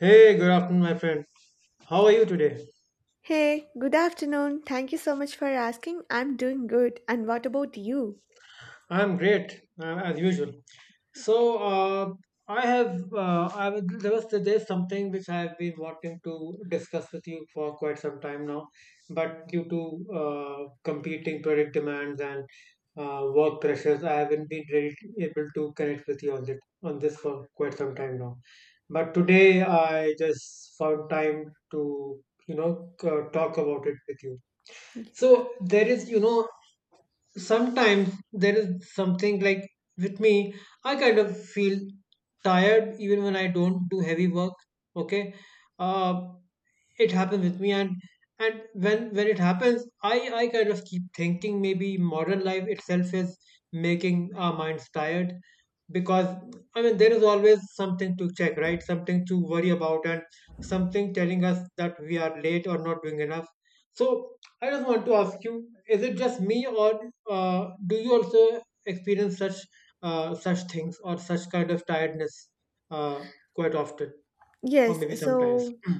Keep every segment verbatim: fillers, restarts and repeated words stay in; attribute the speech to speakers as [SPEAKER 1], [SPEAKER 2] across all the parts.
[SPEAKER 1] Hey, good afternoon, my friend. How are you today?
[SPEAKER 2] Hey, good afternoon. Thank you so much for asking. I'm doing good. And what about you?
[SPEAKER 1] I'm great, uh, as usual. So, uh, I have, uh, I was, there was, there's something which I have been wanting to discuss with you for quite some time now, but due to uh, competing product demands and uh, work pressures, I haven't been really able to connect with you on this, on this for quite some time now. But today, I just found time to, you know, c- talk about it with you. So there is, you know, sometimes there is something like with me, I kind of feel tired even when I don't do heavy work. Okay. Uh, it happens with me and and when when it happens i i kind of keep thinking maybe modern life itself is making our minds tired. Because I mean, there is always something to check, right, something to worry about, and something telling us that we are late or not doing enough. So I just want to ask you, is it just me, or uh, do you also experience such uh, such things or such kind of tiredness uh, quite often, or
[SPEAKER 2] Yes,
[SPEAKER 1] maybe sometimes
[SPEAKER 2] so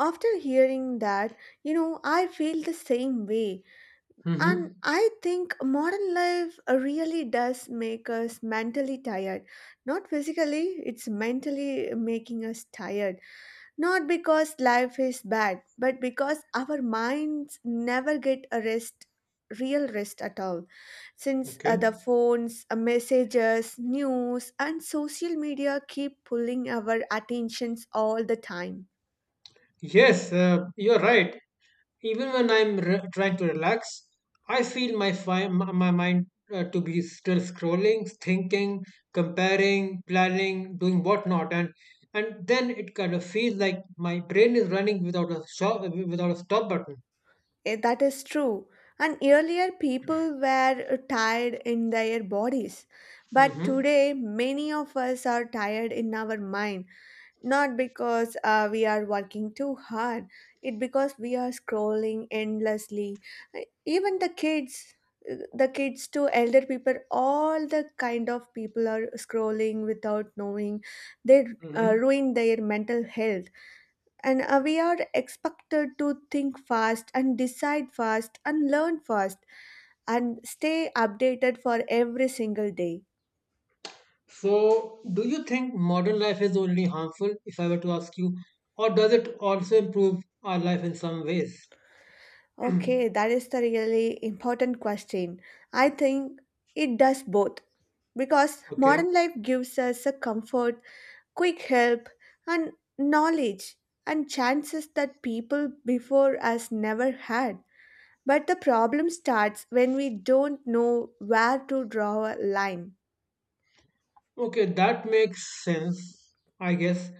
[SPEAKER 2] after hearing that, you know, I feel the same way. And
[SPEAKER 1] mm-hmm.
[SPEAKER 2] I think modern life really does make us mentally tired. Not physically, it's mentally making us tired. Not because life is bad, but because our minds never get a rest, real rest at all. Since uh, the
[SPEAKER 1] Okay.
[SPEAKER 2] phones, uh, messages, news, and social media keep pulling our attentions all the time.
[SPEAKER 1] Yes, uh, you're right. Even when I'm re- trying to relax, I feel my fi- my, my mind uh, to be still scrolling, thinking, comparing, planning, doing whatnot, and and then it kind of feels like my brain is running without a shop, without a stop button.
[SPEAKER 2] Eh, That is true. And earlier, people were uh, tired in their bodies. But
[SPEAKER 1] Mm-hmm.
[SPEAKER 2] today, many of us are tired in our mind, not because uh, we are working too hard, it because we are scrolling endlessly. Uh, even the kids, uh, the kids to elder people, all the kind of people are scrolling without knowing they uh,
[SPEAKER 1] Mm-hmm.
[SPEAKER 2] ruin their mental health. And uh, we are expected to think fast and decide fast and learn fast and stay updated for every single day.
[SPEAKER 1] So, do you think modern life is only harmful? If I were to ask you, or does it also improve our life in some ways?
[SPEAKER 2] Okay, that is the really important question. I think it does both, because
[SPEAKER 1] Okay.
[SPEAKER 2] modern life gives us a comfort, quick help, and knowledge and chances that people before us never had. But the problem starts when we don't know where to draw a line.
[SPEAKER 1] Okay, that makes sense, I guess.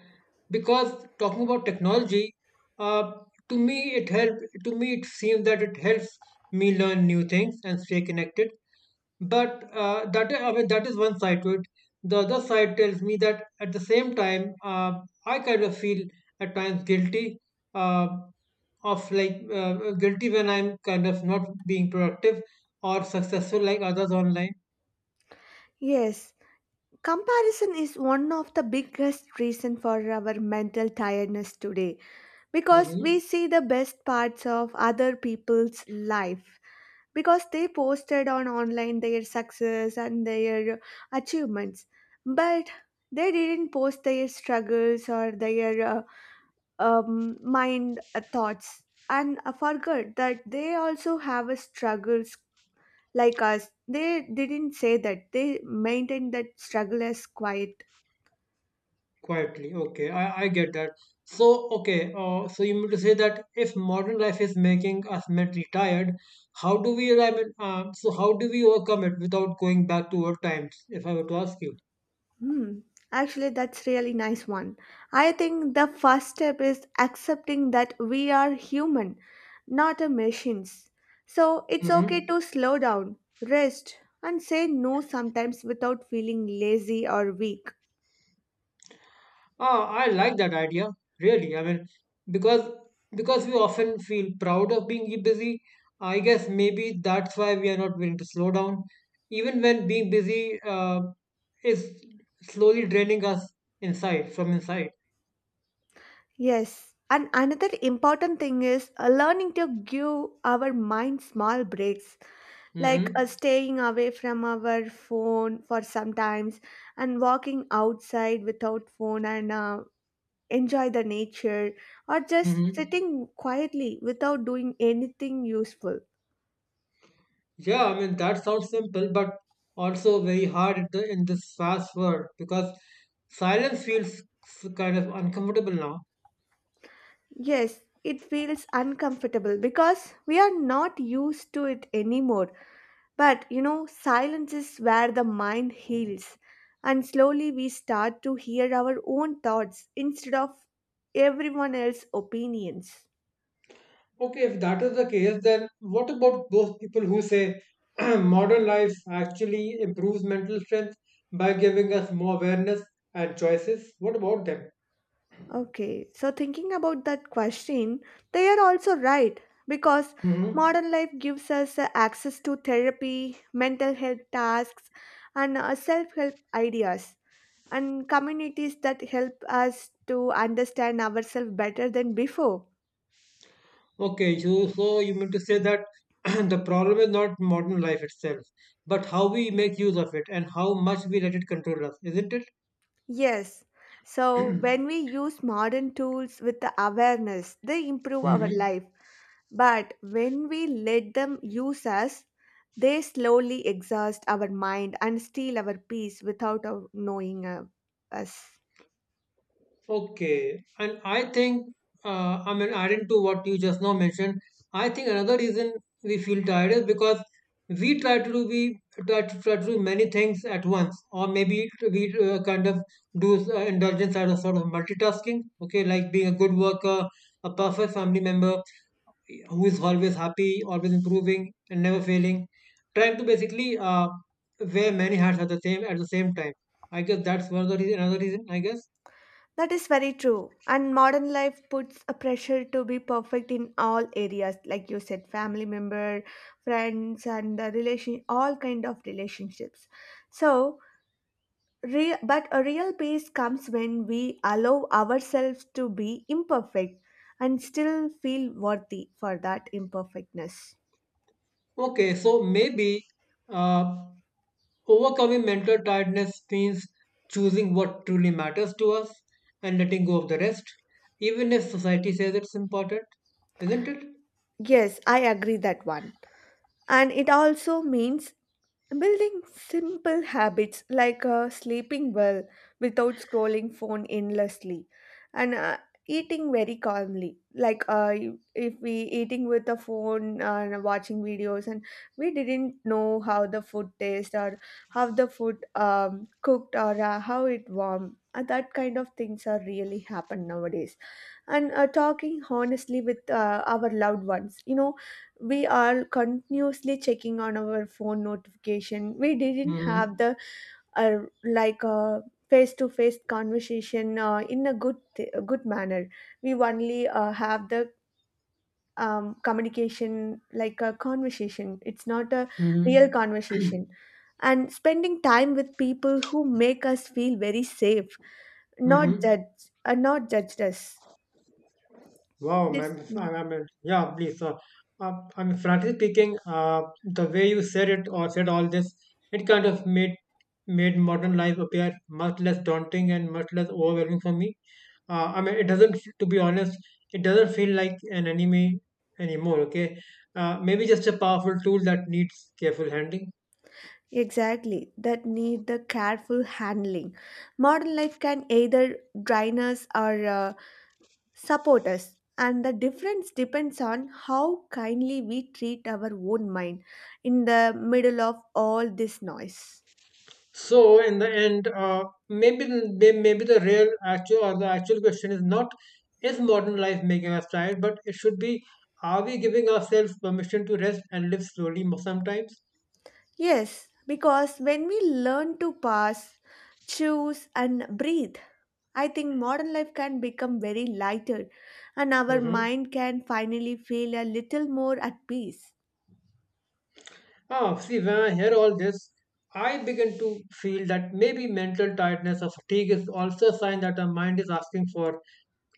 [SPEAKER 1] Because talking about technology, uh, to me it help. To me, it seems that it helps me learn new things and stay connected. But uh, that, I mean, that is one side to it. The other side tells me that at the same time, uh, I kind of feel at times guilty, uh, of like uh, guilty when I'm kind of not being productive or successful like others online.
[SPEAKER 2] Yes, comparison is one of the biggest reason for our mental tiredness today, because
[SPEAKER 1] Hmm.
[SPEAKER 2] we see the best parts of other people's life because they posted on online their success and their achievements, but they didn't post their struggles or their uh, um, mind uh, thoughts, and I forgot that they also have a struggles like us. They didn't say that they maintained that struggle as quiet.
[SPEAKER 1] Quietly, okay, I, I get that. So, okay, uh, so you mean to say that if modern life is making us mentally tired, how do we, I mean, uh, so how do we overcome it without going back to old times, if I were to ask you?
[SPEAKER 2] Hmm. Actually, that's really nice one. I think the first step is accepting that we are human, not a machines. So it's okay
[SPEAKER 1] Mm-hmm.
[SPEAKER 2] to slow down, rest, and say no sometimes without feeling lazy or weak.
[SPEAKER 1] Ah, I like that idea, really. I mean, because because we often feel proud of being busy, I guess maybe that's why we are not willing to slow down, even when being busy uh, is slowly draining us inside, from inside.
[SPEAKER 2] Yes. And another important thing is uh, learning to give our mind small breaks, like uh,
[SPEAKER 1] Mm-hmm.
[SPEAKER 2] staying away from our phone for sometimes and walking outside without phone and uh, enjoy the nature, or just
[SPEAKER 1] Hmm.
[SPEAKER 2] sitting quietly without doing anything useful.
[SPEAKER 1] Yeah, I mean that sounds simple, but also very hard in, the, in this fast world because silence feels kind of uncomfortable now.
[SPEAKER 2] Yes, it feels uncomfortable because we are not used to it anymore. But you know, silence is where the mind heals, and slowly we start to hear our own thoughts instead of everyone else's opinions.
[SPEAKER 1] Okay, if that is the case, then what about those people who say modern life actually improves mental strength by giving us more awareness and choices? What about them?
[SPEAKER 2] Okay, so thinking about that question, they are also right, because
[SPEAKER 1] Mm-hmm.
[SPEAKER 2] modern life gives us uh, access to therapy, mental health tasks, and uh, self help ideas, and communities that help us to understand ourselves better than before.
[SPEAKER 1] Okay, so so you mean to say that the problem is not modern life itself, but how we make use of it and how much we let it control us, isn't it?
[SPEAKER 2] Yes, so when we use modern tools with the awareness, they improve our
[SPEAKER 1] Hmm.
[SPEAKER 2] life. But when we let them use us, they slowly exhaust our mind and steal our peace without our knowing uh, us.
[SPEAKER 1] Okay. And I think, uh, I mean, adding to what you just now mentioned, I think another reason we feel tired is because we try to do we try to, try to do many things at once, or maybe we uh, kind of do uh, indulgence as a sort of multitasking. Okay, like being a good worker, a perfect family member who is always happy, always improving, and never failing. Trying to basically uh, wear many hats at the same at the same time. I guess that's one of the reason, another reason. I guess.
[SPEAKER 2] That is very true. And modern life puts a pressure to be perfect in all areas, like you said, family member, friends, and the relation, all kind of relationships. So, re- but a real peace comes when we allow ourselves to be imperfect and still feel worthy for that imperfectness.
[SPEAKER 1] Okay, so maybe uh, overcoming mental tiredness means choosing what truly matters to us and letting go of the rest, even if society says it's important, isn't it?
[SPEAKER 2] Yes, I agree that one. And it also means building simple habits like uh, sleeping well without scrolling phone endlessly, and uh, eating very calmly, like uh, if we eating with a phone and watching videos, and we didn't know how the food tastes or how the food um, cooked or uh, how it warm. Uh, that kind of things are really happen nowadays. And uh, talking honestly with uh, our loved ones, you know, we are continuously checking on our phone notification, we didn't have
[SPEAKER 1] Mm-hmm.
[SPEAKER 2] the uh, like a face to face conversation uh, in a good th- a good manner. We only uh, have the um, communication like a conversation, it's not a real
[SPEAKER 1] Mm-hmm.
[SPEAKER 2] conversation. And spending time with people who make us feel very safe, not
[SPEAKER 1] Mm-hmm.
[SPEAKER 2] judge, uh, not judged us.
[SPEAKER 1] Wow,
[SPEAKER 2] This.
[SPEAKER 1] man, I
[SPEAKER 2] Mm-hmm.
[SPEAKER 1] I mean, yeah, please. Uh, uh, I mean, frankly speaking, uh, the way you said it or said all this, it kind of made made modern life appear much less daunting and much less overwhelming for me. Uh, I mean, it doesn't, f- to be honest, it doesn't feel like an enemy anymore. Okay, uh, maybe just a powerful tool that needs careful handling.
[SPEAKER 2] Exactly, that need the careful handling. Modern life can either drain us or uh, support us, and the difference depends on how kindly we treat our own mind in the middle of all this noise.
[SPEAKER 1] So in the end, uh, maybe may- maybe the real actual or the actual question is not, is modern life making us tired, but it should be, are we giving ourselves permission to rest and live slowly mo- sometimes?
[SPEAKER 2] Yes, because when we learn to pause, choose, and breathe, I think modern life can become very lighter, and our
[SPEAKER 1] Hmm.
[SPEAKER 2] mind can finally feel a little more at peace.
[SPEAKER 1] Ah, see, when I hear all this, I begin to feel that maybe mental tiredness or fatigue is also a sign that our mind is asking for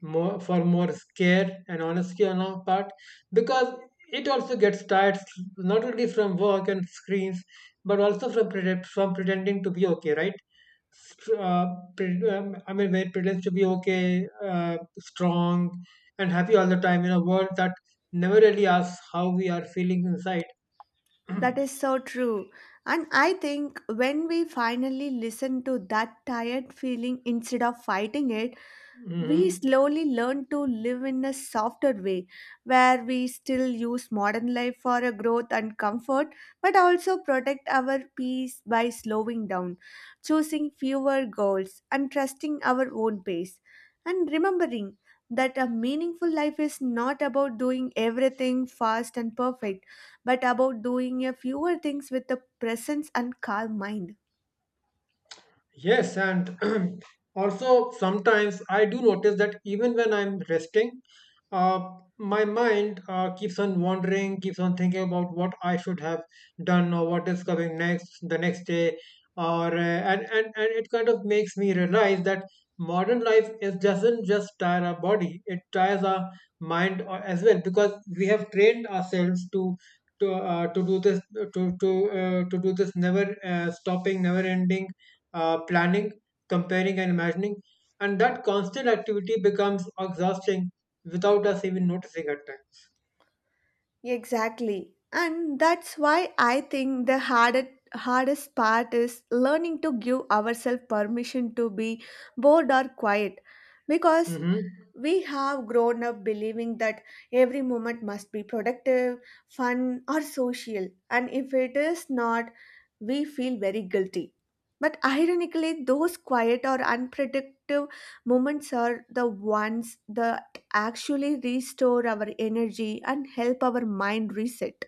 [SPEAKER 1] more for more care and honesty on our part, because it also gets tired not only from work and screens but also from pretend, from pretending to be okay, right? Str- uh, pre- um, I mean, when it pretends to be okay, uh, strong and happy all the time in a world that never really asks how we are feeling inside.
[SPEAKER 2] That is so true. And I think when we finally listen to that tired feeling instead of fighting it,
[SPEAKER 1] Hmm.
[SPEAKER 2] we slowly learn to live in a softer way, where we still use modern life for a growth and comfort, but also protect our peace by slowing down, choosing fewer goals and trusting our own pace, and remembering that a meaningful life is not about doing everything fast and perfect, but about doing a fewer things with a presence and calm mind.
[SPEAKER 1] Yes, and also sometimes I do notice that even when I'm resting, uh, my mind uh, keeps on wandering, keeps on thinking about what I should have done or what is coming next, the next day, or uh, and, and and it kind of makes me realize that modern life is doesn't just tire our body, it tires our mind uh, as well because we have trained ourselves to. To, uh, to do this to to uh, to do this never uh, stopping, never ending uh, planning, comparing, and imagining. And that constant activity becomes exhausting without us even noticing at
[SPEAKER 2] Exactly. And that's why I think the hardest hardest part is learning to give ourselves permission to be bored or quiet, because
[SPEAKER 1] times. Hmm.
[SPEAKER 2] we have grown up believing that every moment must be productive, fun, or social, and if it is not, we feel very guilty. But ironically, those quiet or unproductive moments are the ones that actually restore our energy and help our mind reset.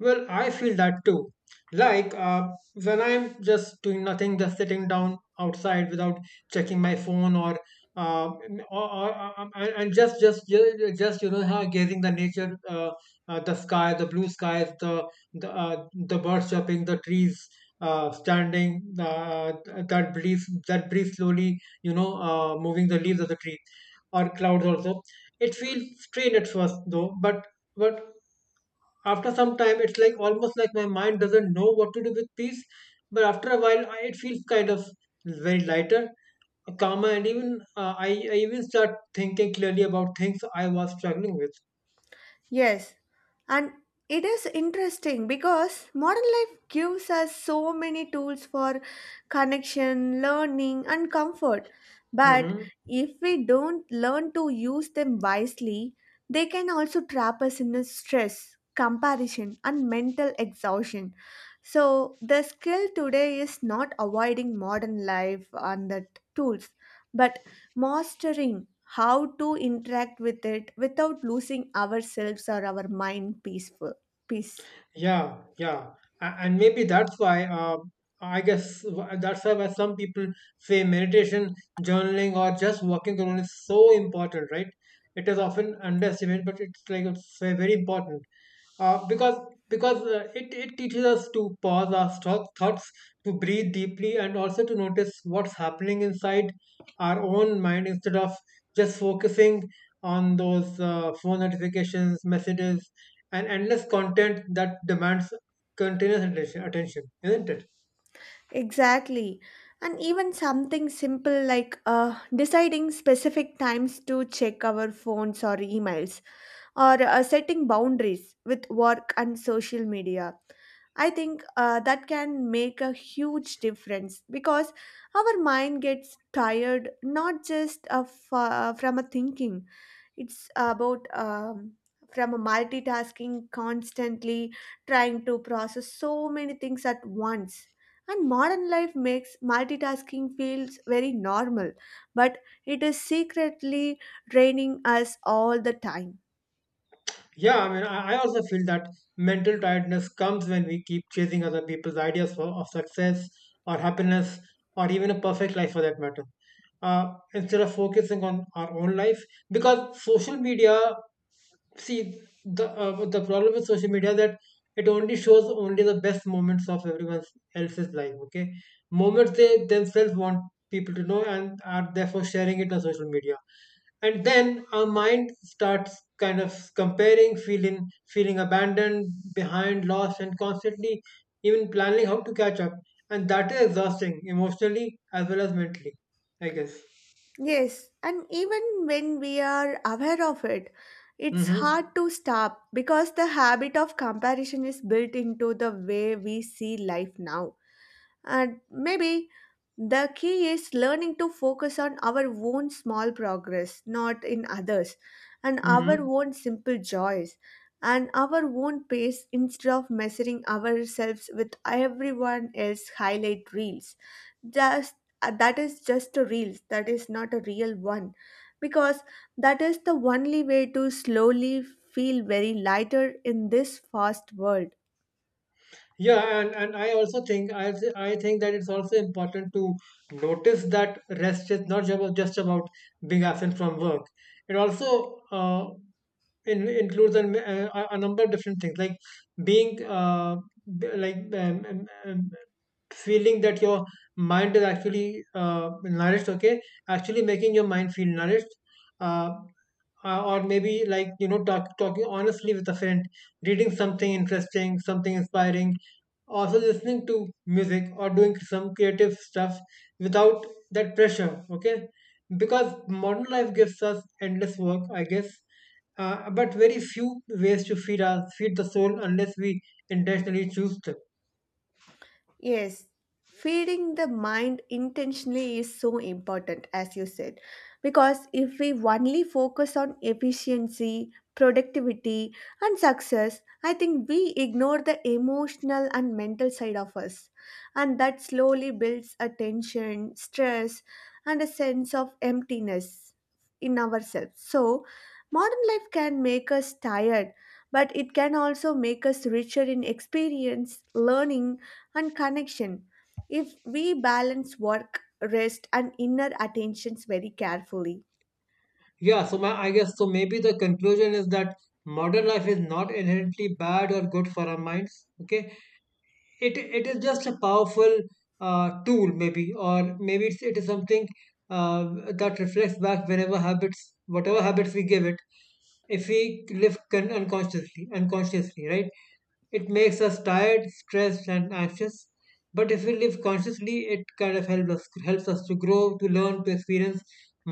[SPEAKER 1] Well, I feel that too. Like uh, when I'm just doing nothing, just sitting down outside without checking my phone or uh, m- or, or uh, um, and and just just ju- just you know huh, gazing the nature, uh, uh, the sky, the blue skies, the the uh, the birds chirping, the trees uh, standing, uh, uh, that breeze that breeze slowly, you know uh, moving the leaves of the tree or clouds also. It feels strange at first though, but but after some time it's like almost like my mind doesn't know what to do with peace, but after a while I, it feels kind of very lighter, uh, calmer, and even uh, I, I even start thinking clearly about things I was struggling with.
[SPEAKER 2] Yes, and it is interesting because modern life gives us so many tools for connection, learning, and comfort. But
[SPEAKER 1] Hmm.
[SPEAKER 2] if we don't learn to use them wisely, they can also trap us in a stress, comparison, and mental exhaustion. So, the skill today is not avoiding modern life and the tools, but mastering how to interact with it without losing ourselves or our mind peaceful peace.
[SPEAKER 1] Yeah, yeah. A- and maybe that's why uh, I guess wh- that's why, why some people say meditation, journaling, or just walking alone is so important, right? It is often underestimated, but it's like it's ve- very important, uh, because because uh, it it teaches us to pause our stock thoughts, to breathe deeply, and also to notice what's happening inside our own mind instead of just focusing on those uh, phone notifications, messages, and endless content that demands continuous attention attention, isn't it?
[SPEAKER 2] Exactly. And even something simple like uh, deciding specific times to check our phones or emails, or uh, setting boundaries with work and social media, I think uh, that can make a huge difference, because our mind gets tired not just of, uh, from a thinking. It's about um, from a multitasking, constantly trying to process so many things at once. And modern life makes multitasking feels very normal, but it is secretly draining us all the time.
[SPEAKER 1] Yeah, I mean, I I also feel that mental tiredness comes when we keep chasing other people's ideas for, of success or happiness or even a perfect life for that matter, uh, instead of focusing on our own life. Because social media, see, the uh, the problem with social media that it only shows only the best moments of everyone else's life. Okay, moments they themselves want people to know and are therefore sharing it on social media. And then our mind starts kind of comparing, feeling feeling abandoned, behind, lost, and constantly even planning how to catch up. And that is exhausting emotionally as well as mentally, I guess.
[SPEAKER 2] Yes, and even when we are aware of it, it's hard
[SPEAKER 1] Mm-hmm.
[SPEAKER 2] to stop because the habit of comparison is built into the way we see life now. And maybe the key is learning to focus on our own small progress, not in others, and our
[SPEAKER 1] Mm-hmm.
[SPEAKER 2] own simple joys, and our own pace instead of measuring ourselves with everyone else highlight reels. Just uh, that is just a reel, that is not a real one, because that is the only way to slowly feel very lighter in this fast world.
[SPEAKER 1] Yeah, and, and I also think I th- I think that it's also important to notice that rest is not ju- just about being absent from work. It also uh, in, includes an, uh, a, number of different things, like being uh, b- like um, um, um, feeling that your mind is actually uh, nourished. Okay, actually making your mind feel nourished, uh, uh, or maybe, like, you know talk, talking honestly with a friend, reading something interesting, something inspiring, also listening to music or doing some creative stuff without that pressure. Okay, because modern life gives us endless work, I guess, uh, but very few ways to feed our feed the soul unless we intentionally choose them.
[SPEAKER 2] Yes, feeding the mind intentionally is so important, as you said, because if we only focus on efficiency, productivity, and success, I think we ignore the emotional and mental side of us. And that slowly builds a tension, stress, and a sense of emptiness in ourselves. So, modern life can make us tired, but it can also make us richer in experience, learning, and connection, if we balance work, rest, and inner attentions very carefully.
[SPEAKER 1] Yeah, so my, I guess so. Maybe the conclusion is that modern life is not inherently bad or good for our minds. Okay, it it is just a powerful uh, tool, maybe. Or maybe it's, it is something uh, that reflects back whenever habits whatever habits we give it. If we live con- unconsciously unconsciously, right, it makes us tired, stressed, and anxious. But if we live consciously, it kind of helps us helps us to grow, to learn, to experience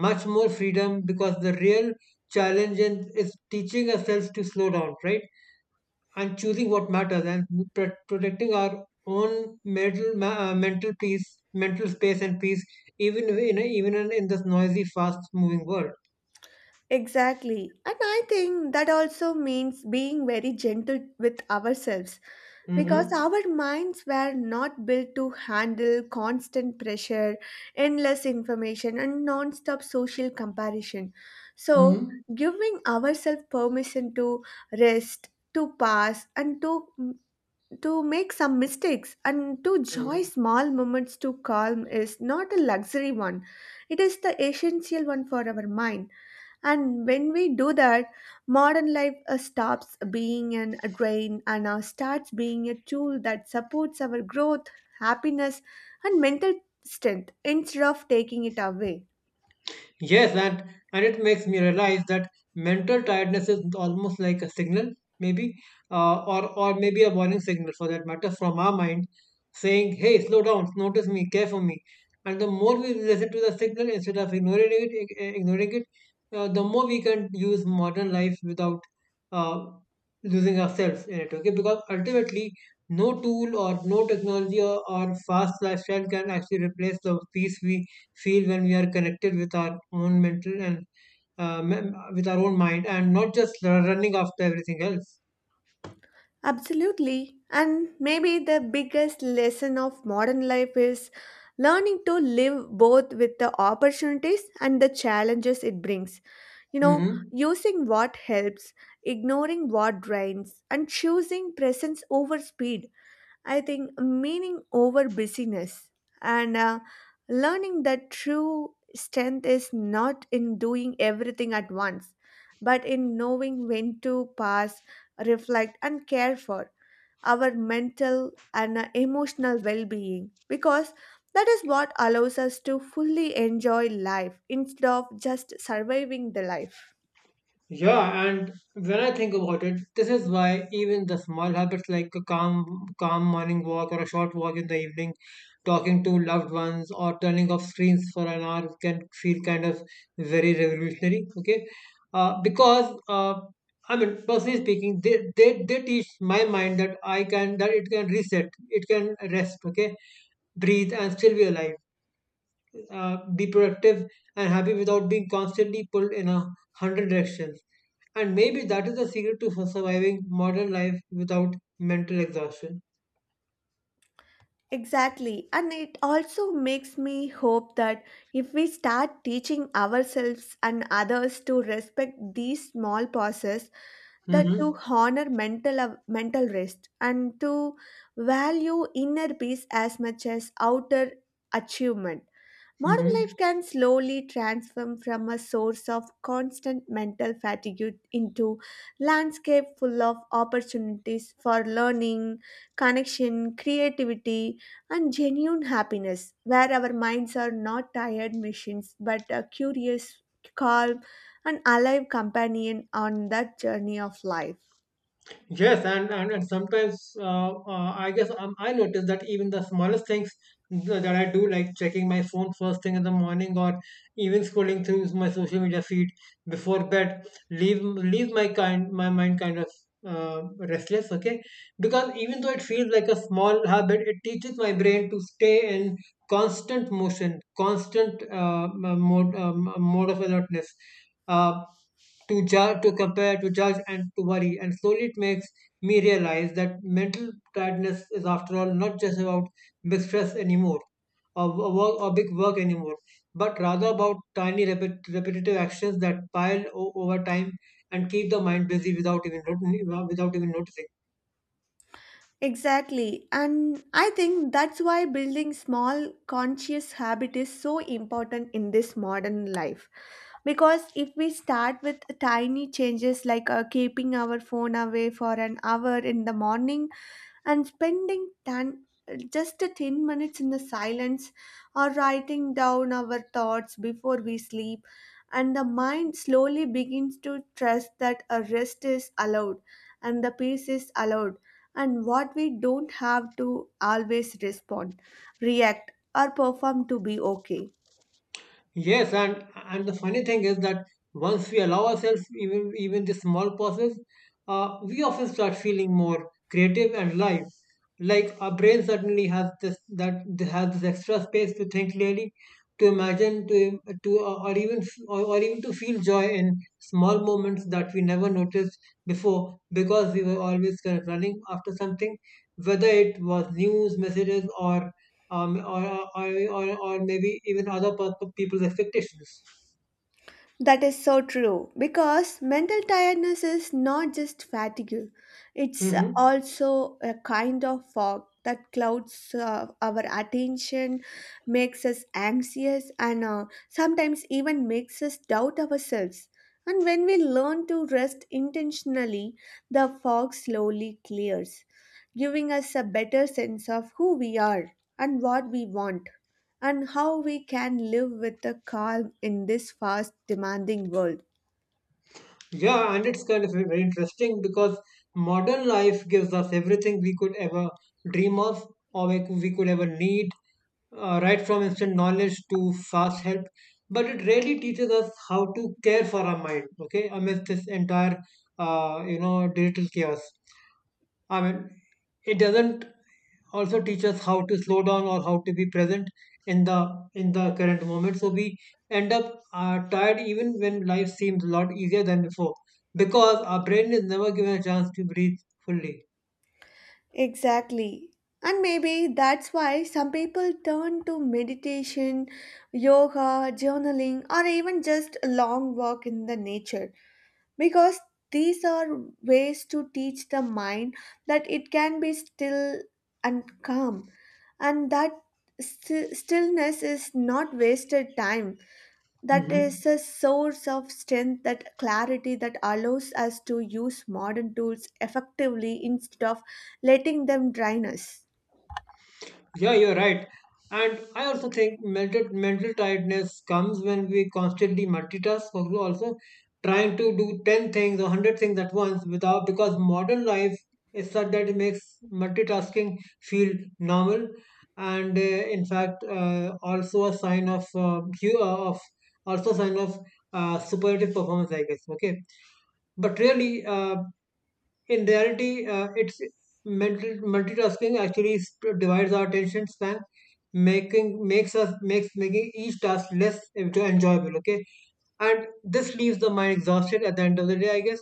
[SPEAKER 1] much more freedom, because the real challenge in- is teaching ourselves to slow down, right, and choosing what matters and pr- protecting our own mental ma- uh, mental peace, mental space, and peace even in even in this noisy, fast moving world.
[SPEAKER 2] Exactly. And I think that also means being very gentle with ourselves, because
[SPEAKER 1] Mm-hmm.
[SPEAKER 2] our minds were not built to handle constant pressure, endless information, and non stop social comparison. So,
[SPEAKER 1] Mm-hmm.
[SPEAKER 2] giving ourselves permission to rest, to pause, and to to make some mistakes and to enjoy small moments to calm is not a luxury one, it is the essential one for our mind. And when we do that, modern life uh, stops being an a drain, and uh, starts being a tool that supports our growth, happiness, and mental strength instead of taking it away.
[SPEAKER 1] Yes, and and it makes me realize that mental tiredness is almost like a signal, maybe, uh, or or maybe a warning signal, for that matter, from our mind, saying, "Hey, slow down, notice me, care for me." And the more we listen to the signal instead of ignoring it, ig- eh, ignoring it, uh, the more we can use modern life without uh, losing ourselves in it. Okay, because ultimately, no tool or no technology or, or fast lifestyle can actually replace the peace we feel when we are connected with our own mental and uh, mem- with our own mind and not just running after everything else.
[SPEAKER 2] Absolutely. And maybe the biggest lesson of modern life is learning to live both with the opportunities and the challenges it brings. You know,
[SPEAKER 1] Hmm.
[SPEAKER 2] using what helps, ignoring what drains, and choosing presence over speed. I think meaning over busyness, and uh, learning that true strength is not in doing everything at once, but in knowing when to pause, reflect, and care for our mental and uh, emotional well being, because that is what allows us to fully enjoy life instead of just surviving the life.
[SPEAKER 1] Yeah, and when I think about it, this is why even the small habits, like a calm, calm morning walk or a short walk in the evening, talking to loved ones or turning off screens for an hour, can feel kind of very revolutionary. Okay, uh, because uh, I mean, personally speaking, they, they they teach my mind that I can that it can reset, it can rest. Okay, breathe and still be alive, uh, be productive and happy without being constantly pulled in a hundred directions. And maybe that is the secret to surviving modern life without mental exhaustion.
[SPEAKER 2] Exactly, and it also makes me hope that if we start teaching ourselves and others to respect these small pauses, that
[SPEAKER 1] Mm-hmm.
[SPEAKER 2] to honor mental av- mental rest, and to value inner peace as much as outer achievement. Modern
[SPEAKER 1] Mm-hmm.
[SPEAKER 2] life can slowly transform from a source of constant mental fatigue into landscape full of opportunities for learning, connection, creativity, and genuine happiness, where our minds are not tired machines but a curious, calm, and alive companion on that journey of life.
[SPEAKER 1] Yes, and and, and sometimes uh, uh, I guess, um, I notice that even the smallest things th- that I do, like checking my phone first thing in the morning, or even scrolling through my social media feed before bed, leave leave my kind my mind kind of uh, restless. Okay, because even though it feels like a small habit, it teaches my brain to stay in constant motion, constant uh, m- mode um, mode of alertness. Uh, to judge, to compare, to judge, and to worry. And slowly it makes me realize that mental tiredness is, after all, not just about big stress anymore or, or work or big work anymore, but rather about tiny repet- repetitive actions that pile o- over time and keep the mind busy without even not- without even noticing.
[SPEAKER 2] Exactly. And I think that's why building small conscious habit is so important in this modern life. Because if we start with tiny changes like uh, keeping our phone away for an hour in the morning and spending ten, just a ten minutes in the silence, or writing down our thoughts before we sleep, and the mind slowly begins to trust that a rest is allowed and the peace is allowed and what we don't have to always respond, react, or perform to be okay.
[SPEAKER 1] Yes, and and the funny thing is that once we allow ourselves even even this small pauses, uh, we often start feeling more creative and live. Like our brain suddenly has this that has this extra space to think clearly, to imagine, to to uh, or even or, or even to feel joy in small moments that we never noticed before, because we were always kind of running after something, whether it was news, messages, or um, or, or, or, or maybe even other pe- people's expectations.
[SPEAKER 2] That is so true because mental tiredness is not just fatigue, it's
[SPEAKER 1] Hmm.
[SPEAKER 2] also a kind of fog that clouds uh, our attention, makes us anxious, and uh, sometimes even makes us doubt ourselves. And when we learn to rest intentionally, the fog slowly clears, giving us a better sense of who we are and what we want and how we can live with a calm in this fast, demanding world.
[SPEAKER 1] Yeah, and it's kind of very interesting because modern life gives us everything we could ever dream of, or we could, we could ever need, uh, right from instant knowledge to fast help. But it really teaches us how to care for our mind, okay, amidst this entire, uh, you know, digital chaos. I mean, it doesn't also teach us how to slow down or how to be present in the in the current moment, so we end up uh, tired even when life seems a lot easier than before, because our brain is never given a chance to breathe fully.
[SPEAKER 2] Exactly. And maybe that's why some people turn to meditation, yoga, journaling, or even just a long walk in the nature, because these are ways to teach the mind that it can be still and calm, and that sti- stillness is not wasted time, that
[SPEAKER 1] Hmm.
[SPEAKER 2] is a source of strength, that clarity that allows us to use modern tools effectively instead of letting them drain us.
[SPEAKER 1] Yeah, you're right. And I also think mental mental tiredness comes when we constantly multitask. Also, also trying to do ten things or one hundred things at once, without, because modern life is such that it makes multitasking feel normal, and uh, in fact, uh, also a sign of uh, hu- uh, of also a sign of uh, superlative performance, I guess. Okay, but really. Uh, in reality, uh, it's multi- multitasking actually sp- divides our attention span, making makes us makes making each task less enjoyable. Okay, and this leaves the mind exhausted at the end of the day, I guess,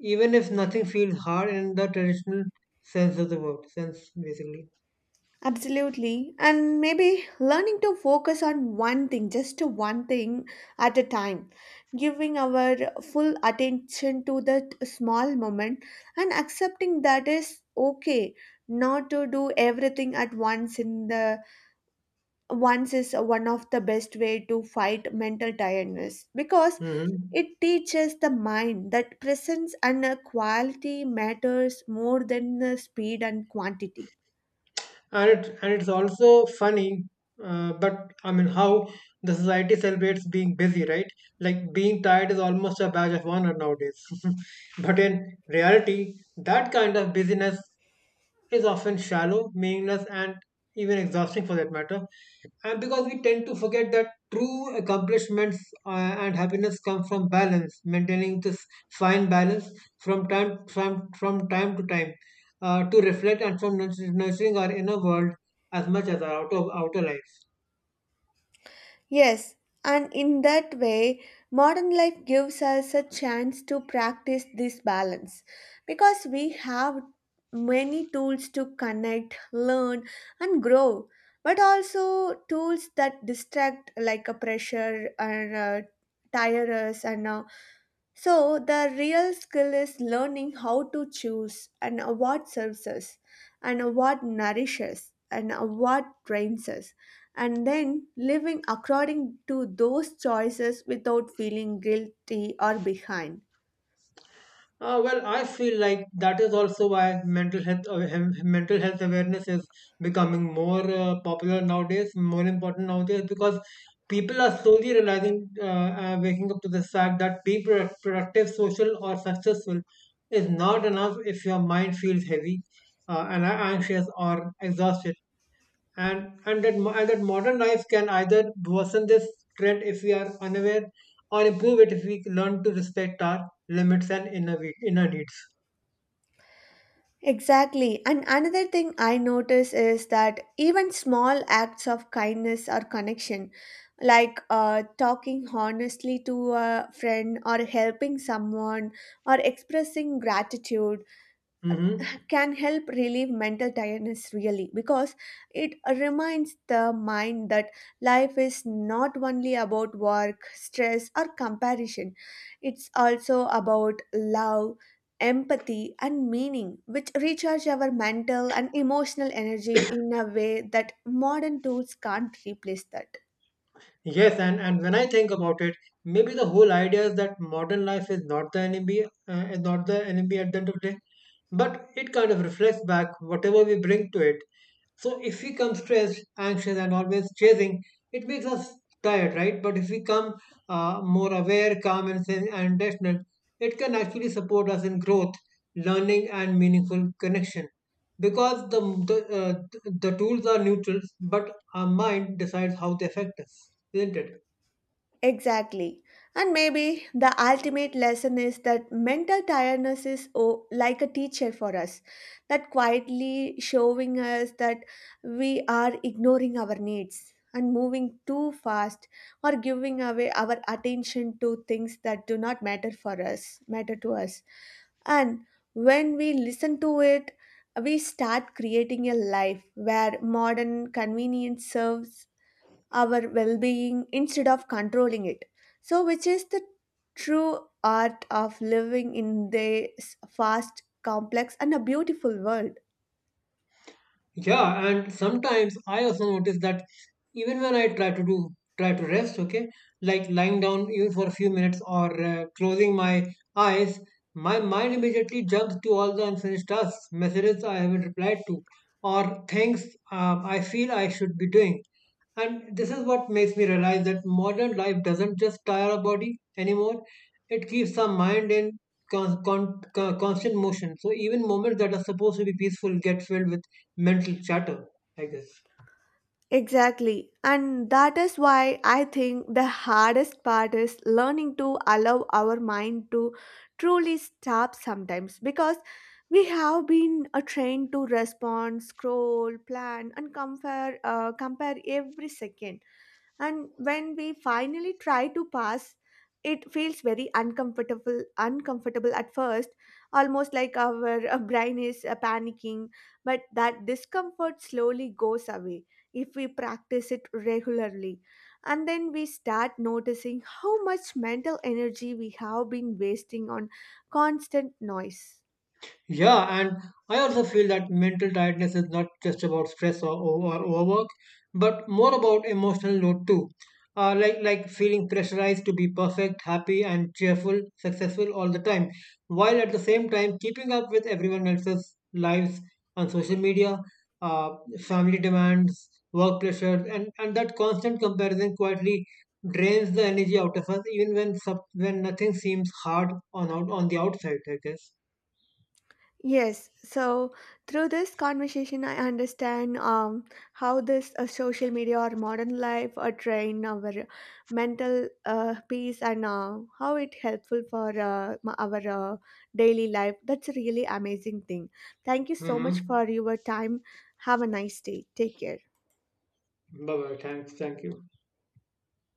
[SPEAKER 1] even if nothing feels hard in the traditional sense of the word, sense basically.
[SPEAKER 2] Absolutely. And maybe learning to focus on one thing, just one thing at a time, giving our full attention to that small moment and accepting that is okay not to do everything at once in the once, is one of the best way to fight mental tiredness, because
[SPEAKER 1] Hmm.
[SPEAKER 2] it teaches the mind that presence and uh, quality matters more than uh, speed and quantity.
[SPEAKER 1] And it, and it's also funny, uh, but I mean how the society celebrates being busy, right, like being tired is almost a badge of honor nowadays. But in reality that kind of busyness is often shallow, meaningless, and even exhausting, for that matter. And because we tend to forget that true accomplishments uh, and happiness come from balance, maintaining this fine balance from time from from time to time, uh, to reflect and from nurturing our inner world as much as our outer outer life.
[SPEAKER 2] Yes, and in that way, modern life gives us a chance to practice this balance because we have many tools to connect, learn, and grow, but also tools that distract, like a pressure, and uh, tire us, and uh, so, the real skill is learning how to choose and what serves us, and what nourishes, and what drains us, and then living according to those choices without feeling guilty or behind.
[SPEAKER 1] Uh, well, I feel like that is also why mental health awa- hem- mental health awareness is becoming more uh, popular nowadays, more important nowadays, because people are slowly realizing, uh, uh, waking up to the fact that being pro- productive, social, or successful is not enough if your mind feels heavy uh, and anxious or exhausted, and and that mo- and that modern life can either worsen this trend if we are unaware or improve it if we learn to respect our limits and inner we- inner needs.
[SPEAKER 2] Exactly. And another thing I notice is that even small acts of kindness or connection, like uh, talking honestly to a friend or helping someone or expressing gratitude,
[SPEAKER 1] Hmm.
[SPEAKER 2] can help relieve mental tiredness really, because it reminds the mind that life is not only about work, stress, or comparison, it's also about love. Empathy and meaning, which recharge our mental and emotional energy in a way that modern tools can't replace that.
[SPEAKER 1] Yes, and and when I think about it, maybe the whole idea is that modern life is not the enemy uh, is not the enemy at the end of the day, but it kind of reflects back whatever we bring to it. So if we come stressed, anxious, and always chasing, it makes us tired, right? But if we come uh, more aware, calm, and sen- and intentional, it can actually support us in growth, learning, and meaningful connection. Because the the, uh, the tools are neutral, but our mind decides how they affect us, isn't it?
[SPEAKER 2] Exactly. And maybe the ultimate lesson is that mental tiredness is, oh, like a teacher for us, that quietly showing us that we are ignoring our needs and moving too fast or giving away our attention to things that do not matter for us, matter to us. And when we listen to it, we start creating a life where modern convenience serves our well being instead of controlling it. So, which is the true art of living in this fast, complex, and a beautiful world.
[SPEAKER 1] Yeah, and sometimes I also notice that even when I try to do try to rest, okay, like lying down even for a few minutes or uh, closing my eyes, my mind immediately jumps to all the unfinished tasks, messages I haven't replied to, or things um, I feel I should be doing. And this is what makes me realize that modern life doesn't just tire our body anymore, it keeps our mind in con- con- con- constant motion. So even moments that are supposed to be peaceful get filled with mental chatter, I guess.
[SPEAKER 2] Exactly. And that is why I think the hardest part is learning to allow our mind to truly stop sometimes, because we have been uh, trained to respond, scroll, plan, and compare, uh, compare every second, and when we finally try to pass, it feels very uncomfortable uncomfortable at first, almost like our uh, brain is uh, panicking, but that discomfort slowly goes away if we practice it regularly, and then we start noticing how much mental energy we have been wasting on constant noise.
[SPEAKER 1] Yeah, and I also feel that mental tiredness is not just about stress or, or, or overwork, but more about emotional load too. Uh, like like feeling pressurized to be perfect, happy, and cheerful, successful all the time, while at the same time keeping up with everyone else's lives on social media, uh, family demands, work pressures, and and that constant comparison quietly drains the energy out of us, even when sub, when nothing seems hard on out on the outside, I guess.
[SPEAKER 2] Yes, so through this conversation, I understand um, how this uh, social media or modern life uh, train our mental uh, peace and uh, how it helpful for uh, m- our uh, daily life. That's a really amazing thing. Thank you so much
[SPEAKER 1] Mm-hmm.
[SPEAKER 2] for your time. Have a nice day. Take care.
[SPEAKER 1] Bye bye. Thanks. Thank you.